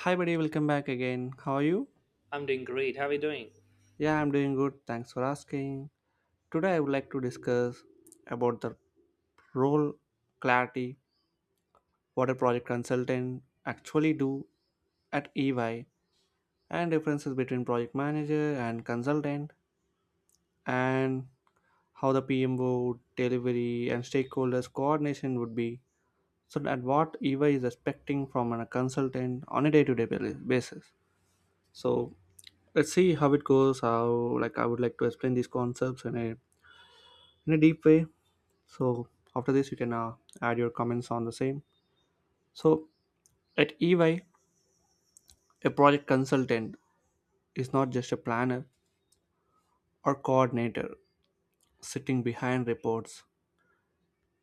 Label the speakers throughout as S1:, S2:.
S1: Hi, buddy, welcome back again. How are you?
S2: I'm doing great. How are you doing?
S1: Yeah, I'm doing good. Thanks for asking. Today, I would like to discuss about the role clarity, what a project consultant actually do at EY, and differences between project manager and consultant, and how the PMO, delivery, and stakeholders coordination would be. So that what EY is expecting from a consultant on a day-to-day basis. So let's see how it goes. How like i would like to explain these concepts in a deep way. So after this you can add your comments on the same. So at EY, a project consultant is not just a planner or coordinator sitting behind reports.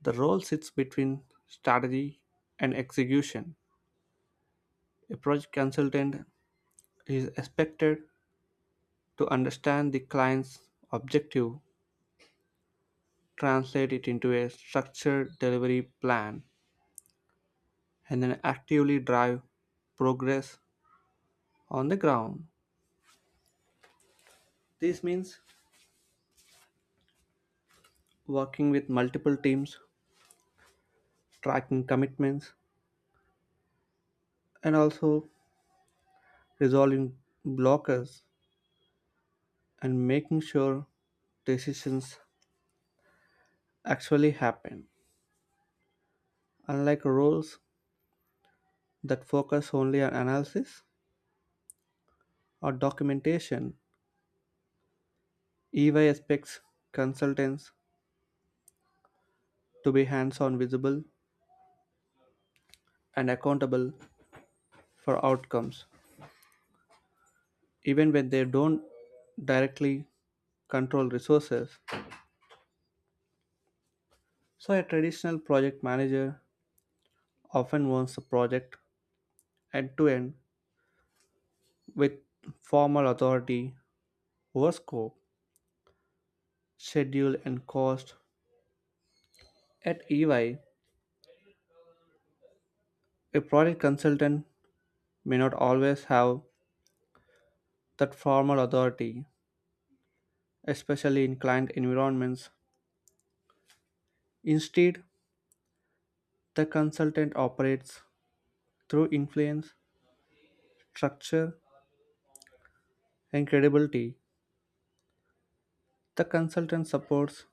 S1: The role sits between strategy and execution. A project consultant is expected to understand the client's objective, translate it into a structured delivery plan, and then actively drive progress on the ground. This means working with multiple teams, tracking commitments, and also resolving blockers, and making sure decisions actually happen. Unlike roles that focus only on analysis or documentation, EY expects consultants to be hands on, visible, and accountable for outcomes, even when they don't directly control resources. So, a traditional project manager often owns the project end to end with formal authority over scope, schedule, and cost. At EY, a project consultant may not always have that formal authority, especially in client environments. Instead, the consultant operates through influence, structure, and credibility. The consultant supports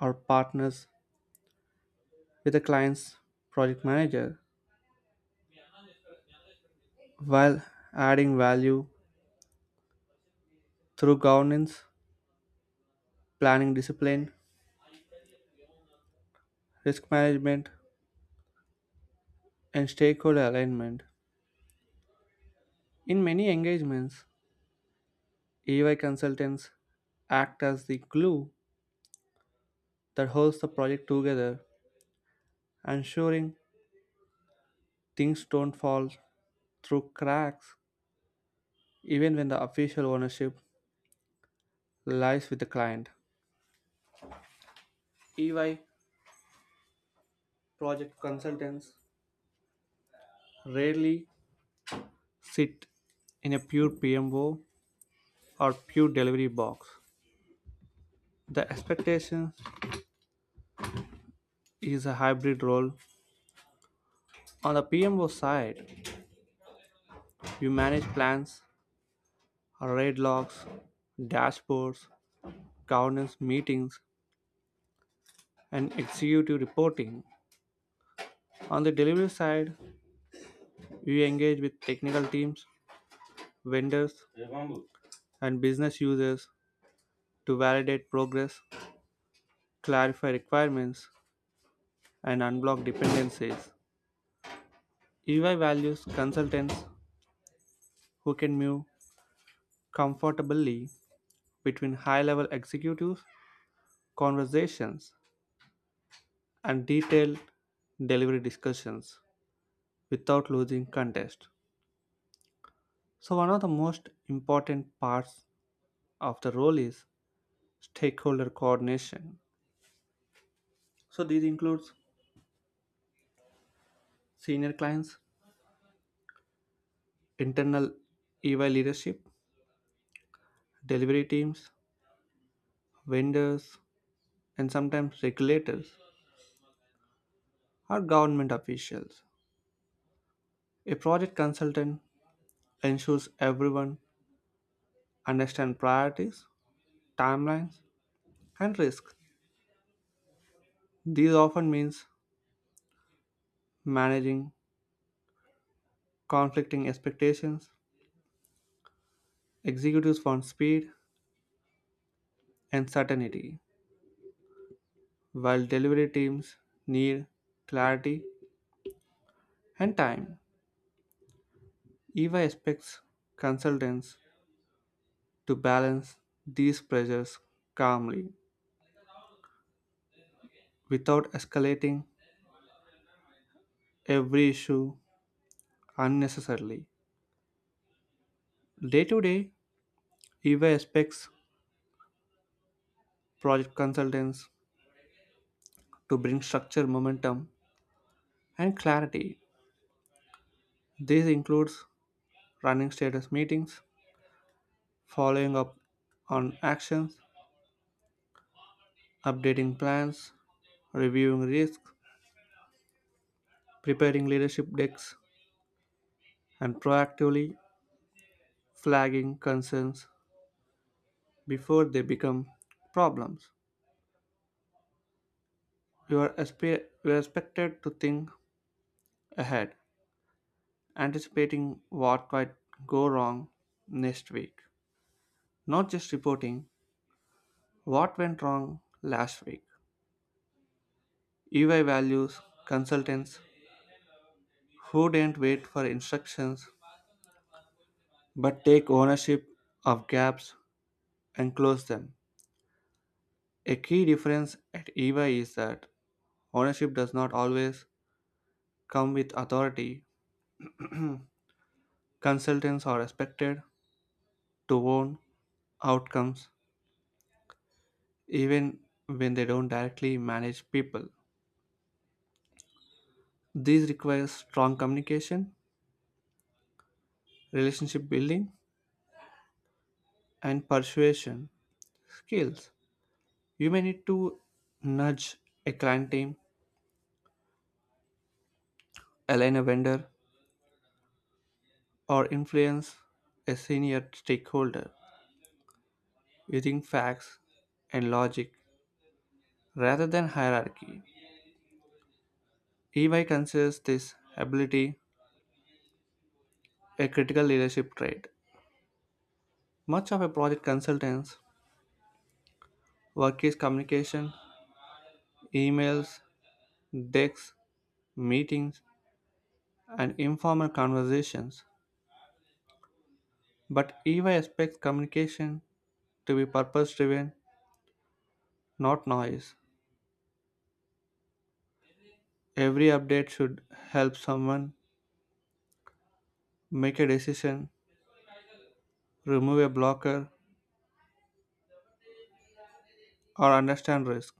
S1: our partners with the client's project manager while adding value through governance, planning discipline, risk management, and stakeholder alignment. In many engagements, EY consultants act as the glue that holds the project together, ensuring things don't fall through cracks even when the official ownership lies with the client. EY project consultants rarely sit in a pure PMO or pure delivery box. The expectation is a hybrid role. On the PMO side, you manage plans, raid logs, dashboards, governance meetings, and executive reporting. On the delivery side, you engage with technical teams, vendors, and business users to validate progress, clarify requirements, and unblock dependencies. EY values consultants who can move comfortably between high level executives, conversations and detailed delivery discussions without losing context. So, one of the most important parts of the role is stakeholder coordination. So, this includes senior clients, internal EY leadership, delivery teams, vendors, and sometimes regulators or government officials. A project consultant ensures everyone understands priorities, timelines, and risks. These often means managing conflicting expectations. Executives want speed and certainty, while delivery teams need clarity and time. EY expects consultants to balance these pressures calmly without escalating every issue unnecessarily. Day to day, EY expects project consultants to bring structure, momentum, and clarity. This includes running status meetings, following up on actions, updating plans, reviewing risks, preparing leadership decks, and proactively flagging concerns before they become problems. You are expected to think ahead, anticipating what might go wrong next week, not just reporting what went wrong last week. EY values consultants who didn't wait for instructions but take ownership of gaps and close them. A key difference at EY is that ownership does not always come with authority. Consultants are expected to own outcomes even when they don't directly manage people. This requires strong communication, relationship building, and persuasion skills. You may need to nudge a client team, align a vendor, or influence a senior stakeholder using facts and logic rather than hierarchy. EY considers this ability a critical leadership trait. Much of a project consultant's work is communication, emails, decks, meetings, and informal conversations. But EY expects communication to be purpose driven, not noise. Every update should help someone make a decision, remove a blocker, or understand risk.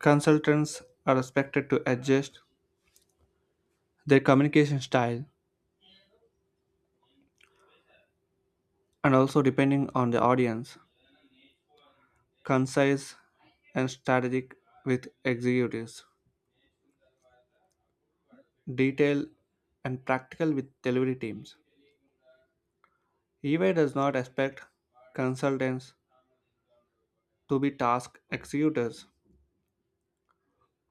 S1: Consultants are expected to adjust their communication style and also depending on the audience, concise and strategic with executives, detailed and practical with delivery teams. EY does not expect consultants to be task executors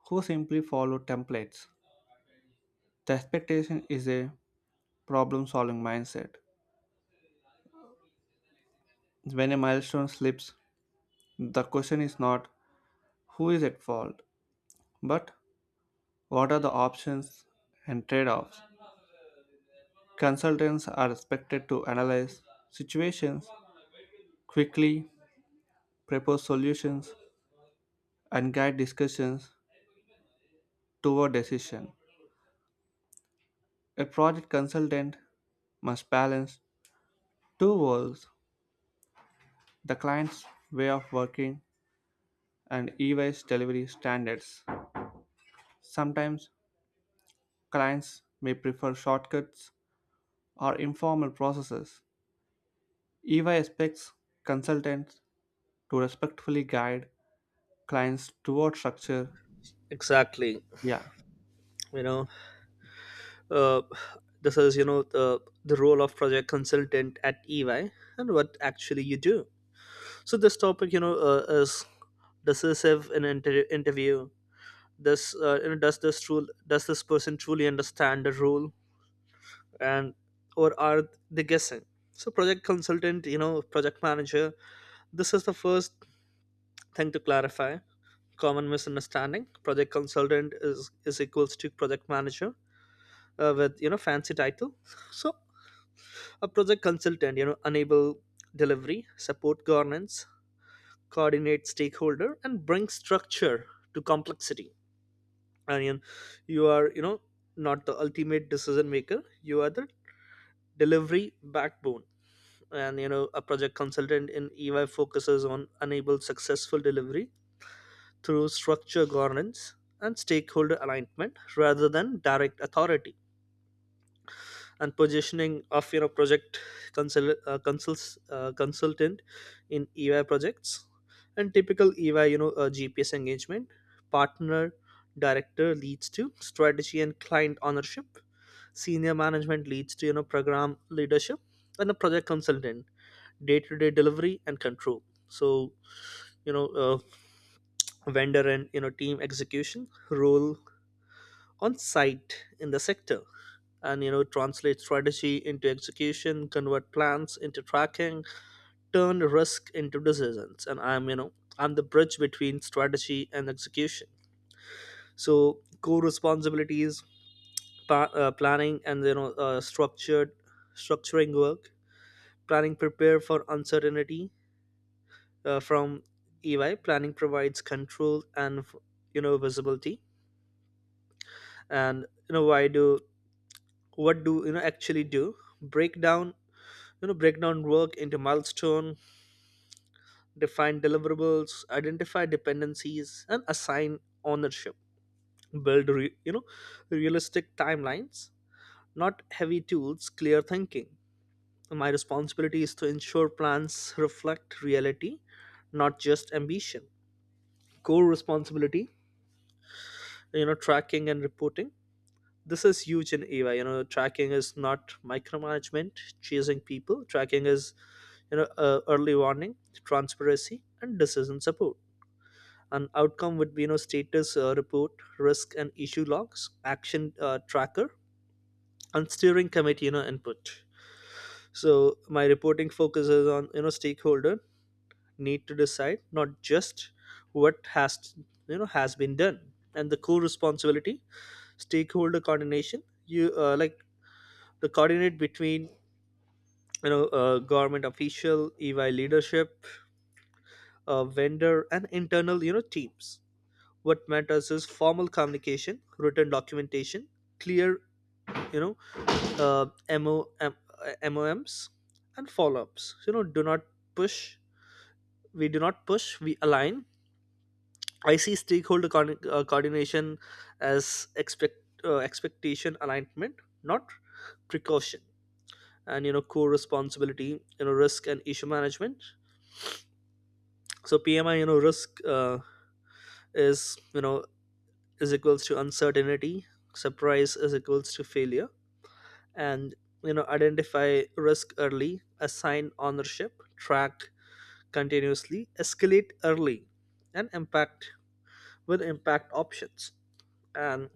S1: who simply follow templates. The expectation is a problem solving mindset. When a milestone slips, the question is not who is at fault, but what are the options and trade offs. Consultants are expected to analyze situations quickly, propose solutions, and guide discussions toward decision. A project consultant must balance two worlds, the client's way of working and EY's delivery standards. Sometimes clients may prefer shortcuts or informal processes. EY expects consultants to respectfully guide clients toward structure.
S2: Exactly.
S1: Yeah.
S2: You know, uh, this is the role of project consultant at EY and what actually you do. So this topic, is decisive in an interview. This you know does this true Does this person truly understand the role, and or are they guessing? So project consultant, project manager. This is the first thing to clarify. Common misunderstanding: project consultant is equals to project manager with fancy title. So a project consultant enable delivery, support governance, coordinate stakeholder, and bring structure to complexity. And you are not the ultimate decision maker, you are the delivery backbone. And a project consultant in EY focuses on enable successful delivery through structure, governance, and stakeholder alignment rather than direct authority. And positioning of consultant in EY projects. And typical EY GPS engagement: partner, director leads to strategy and client ownership; senior management leads to program leadership; and a project consultant, day-to-day delivery and control. So you know uh, vendor and team execution role on site in the sector. And translate strategy into execution, convert plans into tracking, turn risk into decisions. And I'm you know I'm the bridge between strategy and execution. So core responsibilities: planning and structured structuring work. Planning prepare for uncertainty. From EY, planning provides control and visibility. And you know why do what do you know actually do break down, break down work into milestone, define deliverables, identify dependencies, and assign ownership. Build realistic timelines, not heavy tools. Clear thinking. My responsibility is to ensure plans reflect reality, not just ambition. Core responsibility, tracking and reporting. This is huge in AI. Tracking is not micromanagement, chasing people. Tracking is, early warning, transparency, and decision support. An outcome would be status report, risk and issue logs, action tracker, and steering committee input. So my reporting focuses on stakeholder need to decide, not just what has you know has been done. And the core responsibility, stakeholder coordination. You uh, like the coordinate between government official, EY leadership, vendor, and internal teams. What matters is formal communication, written documentation, clear you know uh, MO, M, uh, moms and follow-ups. So, you know do not push We do not push, we align. I see coordination as expectation alignment, not precaution. And core responsibility, risk and issue management. So PMI, risk, is you know is equals to uncertainty, surprise is equals to failure. And identify risk early, assign ownership, track continuously, escalate early, and impact with impact options. And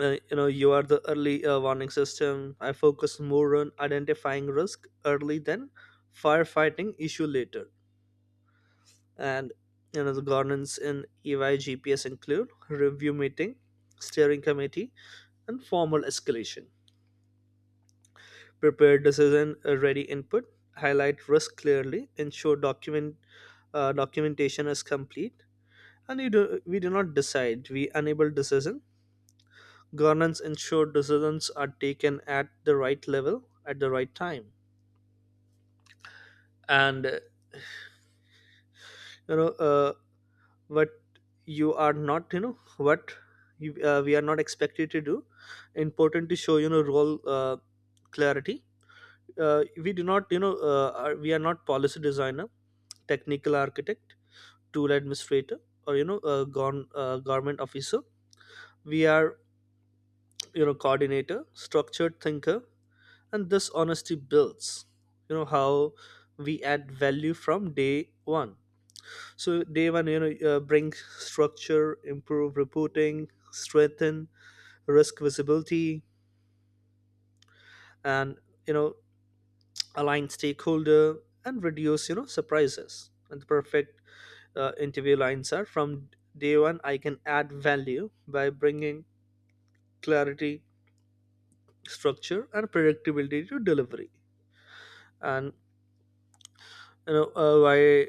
S2: you are the early warning system. I focus more on identifying risk early than firefighting issue later. And the governance in EY GPS include review meeting, steering committee, and formal escalation, prepare decision ready input, highlight risk clearly, ensure documentation is complete. We do not decide, we enable decision. Governance ensure decisions are taken at the right level at the right time. And you know uh, what you are not you know what you, we are not expected to do, important to show role clarity. We do not, we are not policy designer, technical architect, tool administrator, or a government officer. We are coordinator, structured thinker. And this honesty builds how we add value from day one. So day one, bring structure, improve reporting, strengthen risk visibility, and you know align stakeholder and reduce surprises. And the perfect interview lines are: from day one I can add value by bringing clarity, structure, and predictability to delivery. And you know uh, why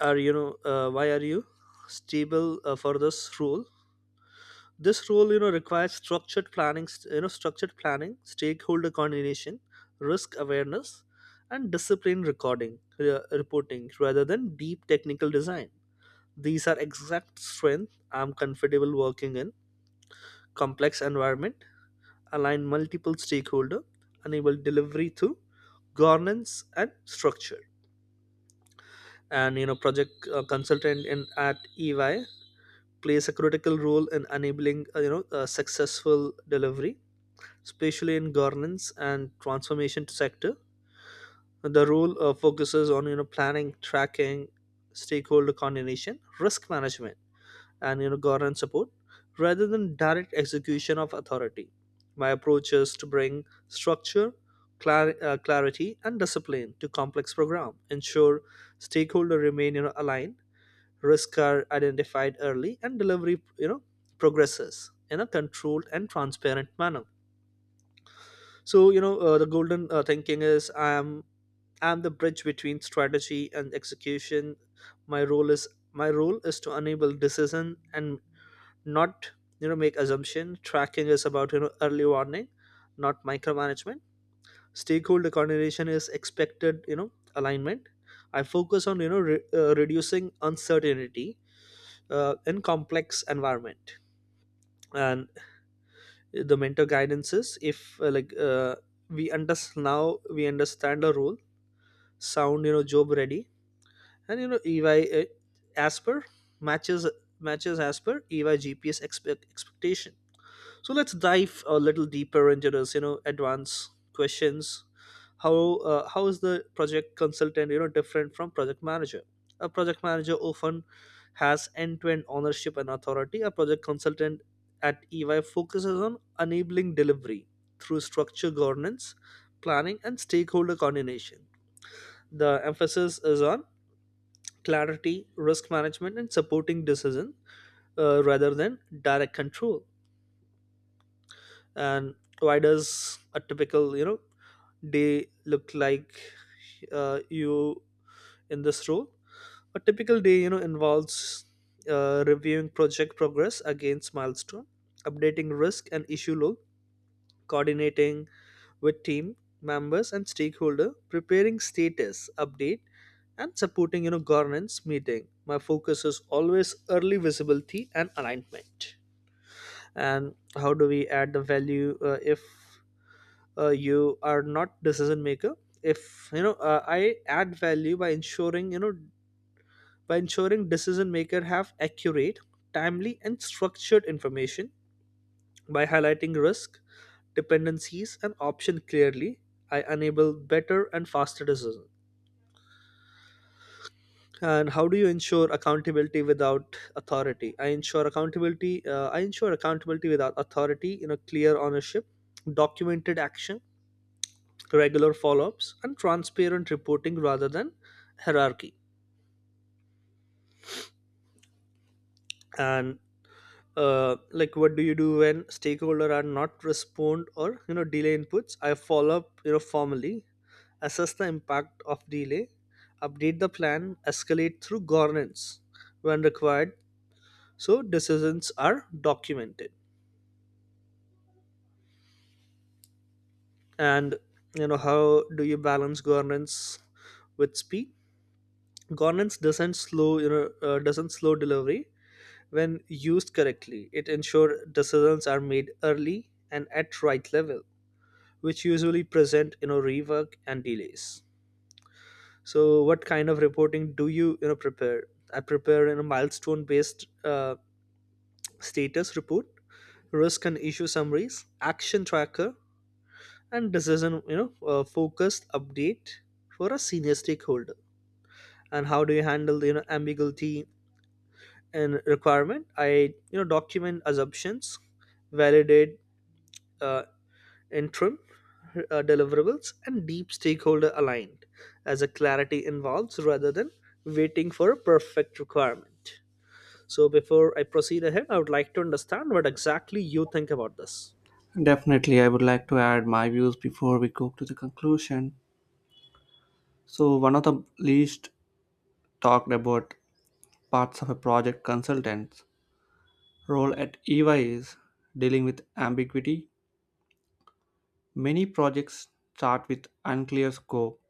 S2: why are you stable for this role? This role requires structured planning, stakeholder coordination, risk awareness, and discipline recording reporting rather than deep technical design. These are exact strength. I'm comfortable working in complex environment, align multiple stakeholder, enable delivery through governance and structure. And project consultant in at EY plays a critical role in enabling successful delivery, especially in governance and transformation sector. The role focuses on planning, tracking, stakeholder coordination, risk management, and governance support, rather than direct execution of authority. My approach is to bring structure, clarity, and discipline to complex program, ensure stakeholder remain aligned, risks are identified early, and delivery progresses in a controlled and transparent manner. So the golden thinking is: I'm the bridge between strategy and execution. my role is my role is to enable decision and not make assumption. Tracking is about early warning, not micromanagement. Stakeholder coordination is expected alignment. I focus on reducing uncertainty in complex environment. And the mentor guidance is: if like we understand now we understand the role, sound job ready, and EY asper matches matches as per EY GPS expectation. So let's dive a little deeper into this, advanced questions. How how is the project consultant, different from project manager? A project manager often has end-to-end ownership and authority. A project consultant at EY focuses on enabling delivery through structure, governance, planning, and stakeholder coordination. The emphasis is on clarity, risk management, and supporting decision, rather than direct control. And why does a typical day look like, you in this role? A typical day involves reviewing project progress against milestone, updating risk and issue log, coordinating with team members and stakeholder, preparing status update, and supporting governance meeting. My focus is always early visibility and alignment. And how do we add the value if you are not decision maker? If you know uh, i add value by ensuring you know by ensuring decision maker have accurate, timely, and structured information. By highlighting risk, dependencies, and option clearly, I enable better and faster decision. And how do you ensure accountability without authority? I ensure accountability without authority, clear ownership, documented action, regular follow ups, and transparent reporting rather than hierarchy. And what do you do when stakeholder are not respond or delay inputs? I follow up formally, assess the impact of delay, update the plan, escalate through governance when required, so decisions are documented. And how do you balance governance with speed? Governance doesn't slow you know doesn't slow delivery. When used correctly, it ensures decisions are made early and at right level, which usually present rework and delays. So what kind of reporting do you you know prepare? I prepare in a milestone based status report, risk and issue summaries, action tracker, and decision focused update for a senior stakeholder. And how do you handle the ambiguity and requirement? I document assumptions, validate uh, interim deliverables and deep stakeholder aligned as a clarity involves rather than waiting for a perfect requirement. So before I proceed ahead, I would like to understand what exactly you think about this.
S1: Definitely, I would like to add my views before we go to the conclusion. So, one of the least talked about parts of a project consultant's role at EY is dealing with ambiguity. Many projects start with unclear scope,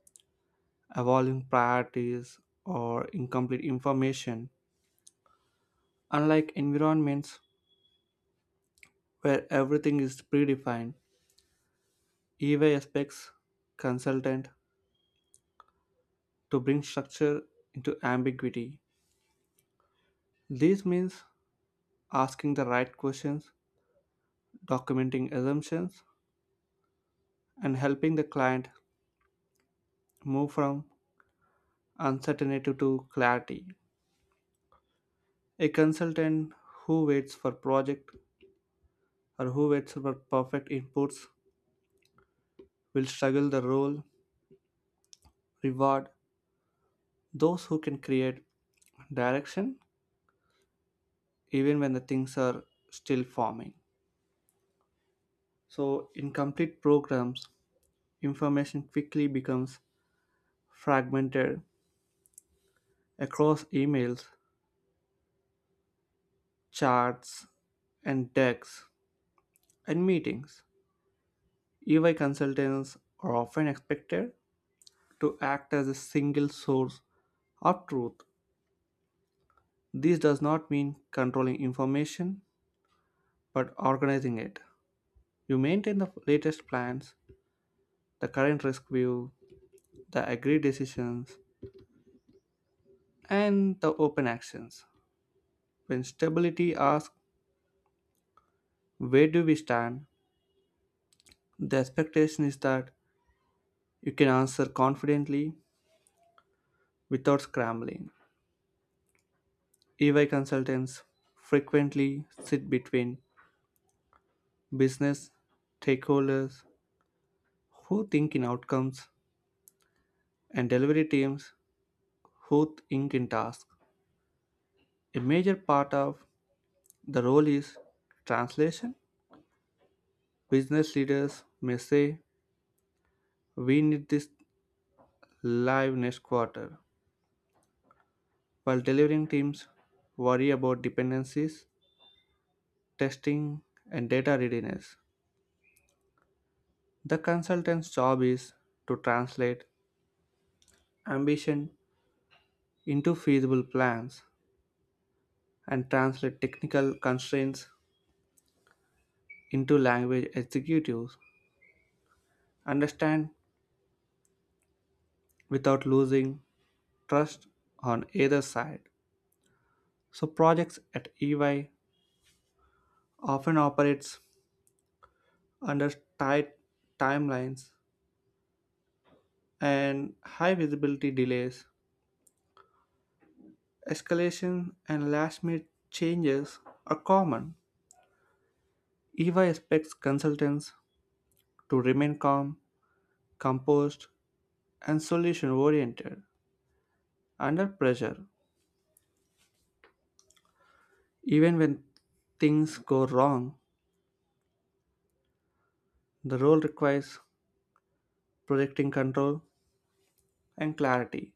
S1: evolving priorities, or incomplete information. Unlike environments where everything is predefined, EY expects consultant to bring structure into ambiguity. This means asking the right questions, documenting assumptions, and helping the client move from uncertainty to clarity. A consultant who waits for project who waits for perfect inputs will struggle the role, reward those who can create direction even when the things are still forming. So in complete programs, information quickly becomes fragmented across emails, charts, and decks. In meetings, EY consultants are often expected to act as a single source of truth. This does not mean controlling information, but organizing it. You maintain the latest plans, the current risk view, the agreed decisions, and the open actions. When stability asks, "Where do we stand?" the expectation is that you can answer confidently without scrambling. EY consultants frequently sit between business stakeholders who think in outcomes, and delivery teams who think in tasks. A major part of the role is translation. Business leaders may say, "We need this live next quarter," while delivering teams worry about dependencies, testing, and data readiness. The consultant's job is to translate ambition into feasible plans and translate technical constraints into language executives understand without losing trust on either side. So projects at EY often operates under tight timelines and high visibility delays. Escalation and last minute changes are common. EY expects consultants to remain calm, composed, and solution oriented under pressure. Even when things go wrong, the role requires projecting control, and clarity.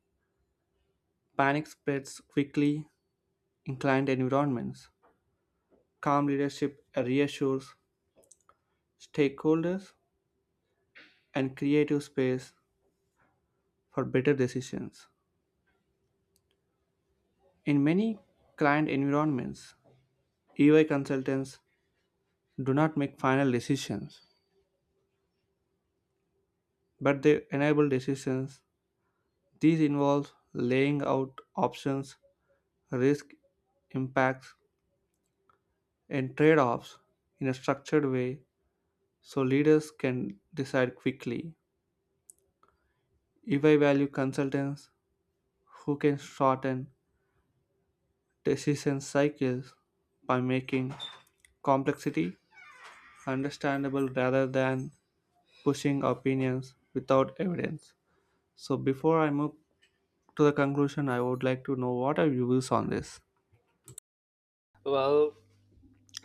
S1: Panic spreads quickly in client environments. Calm leadership reassures stakeholders and creative space for better decisions. In many client environments, EY consultants do not make final decisions, but they enable decisions. These involve laying out options, risk impacts, and trade offs in a structured way so leaders can decide quickly. If I value consultants who can shorten decision cycles by making complexity understandable rather than pushing opinions without evidence. So, before I move to the conclusion, I would like to know what are your views on this?
S2: Well,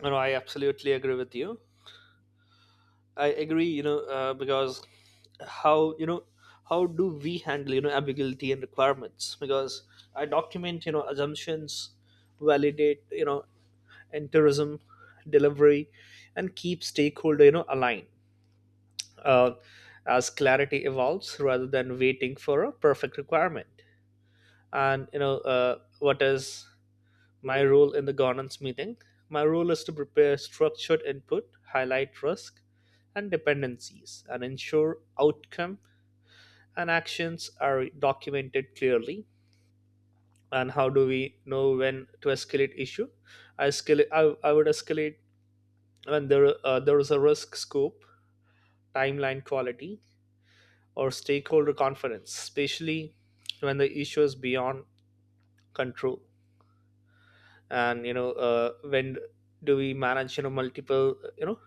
S2: I absolutely agree with you. I agree, because how you know how do we handle ambiguity and requirements? Because I document assumptions, validate and tourism delivery, and keep stakeholder aligned uh, as clarity evolves rather than waiting for a perfect requirement. And what is my role in the governance meeting? My role is to prepare structured input, highlight risk and dependencies, and ensure outcome and actions are documented clearly. And how do we know when to escalate issue? i escalate i, I would escalate when there there is a risk scope, timeline, quality, or stakeholder confidence, especially when the issue is beyond control. And when do we manage multiple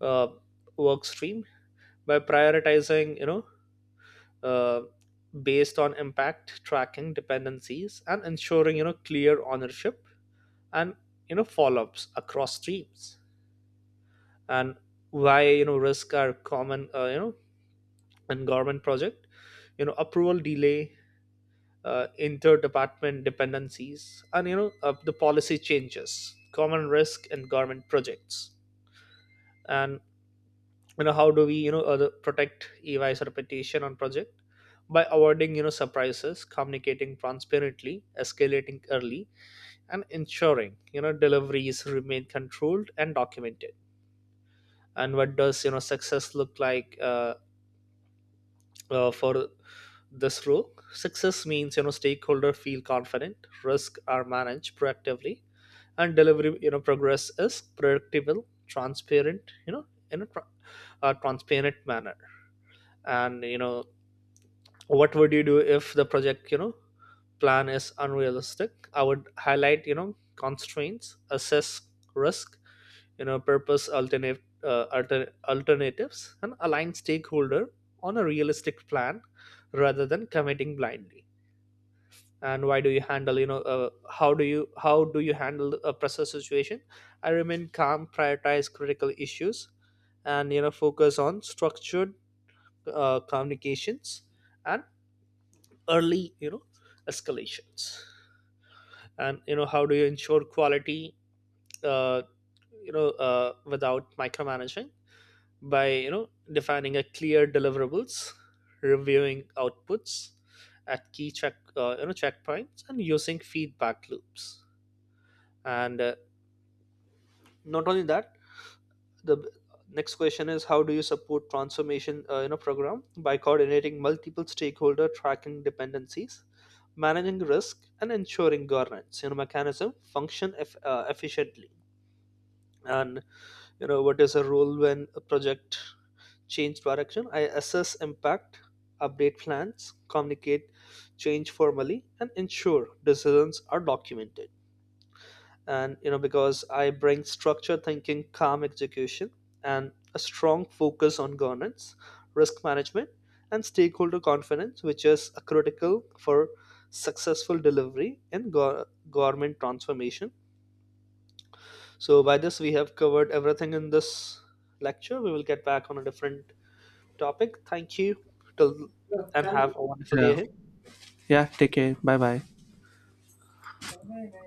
S2: uh, work stream? By prioritizing uh, based on impact, tracking dependencies, and ensuring clear ownership and follow-ups across streams. And why you know risk are common in government project, approval delay, interdepartment dependencies, and the policy changes, common risk and government projects. And how do we protect EY's reputation on project? By avoiding surprises, communicating transparently, escalating early, and ensuring deliveries remain controlled and documented. And what does success look like, for this role? Success means stakeholder feel confident, risk are managed proactively, and delivery progress is predictable, transparent, in a tra- transparent manner. And what would you do if the project plan is unrealistic? I would highlight constraints, assess risk, purpose alternatives, and align stakeholder on a realistic plan rather than committing blindly. And why do you handle you know how do you handle a pressure situation? I remain calm, prioritize critical issues, and focus on structured communications and early escalations. And how do you ensure quality, uh, without micromanaging? By defining a clear deliverables, reviewing outputs at key checkpoints, and using feedback loops. And not only that, the next question is: how do you support transformation in a program? By coordinating multiple stakeholder, tracking dependencies, managing risk, and ensuring governance mechanism function efficiently. And what is a role when a project change direction? I assess impact, update plans, communicate change formally, and ensure decisions are documented. And because I bring structured thinking, calm execution, and a strong focus on governance, risk management, and stakeholder confidence, which is a critical for successful delivery in government transformation. So by this we have covered everything in this lecture. We will get back on a different topic. Thank you till, and
S1: Yeah.
S2: have a wonderful day
S1: Yeah.
S2: ahead.
S1: Yeah, take care. Bye bye.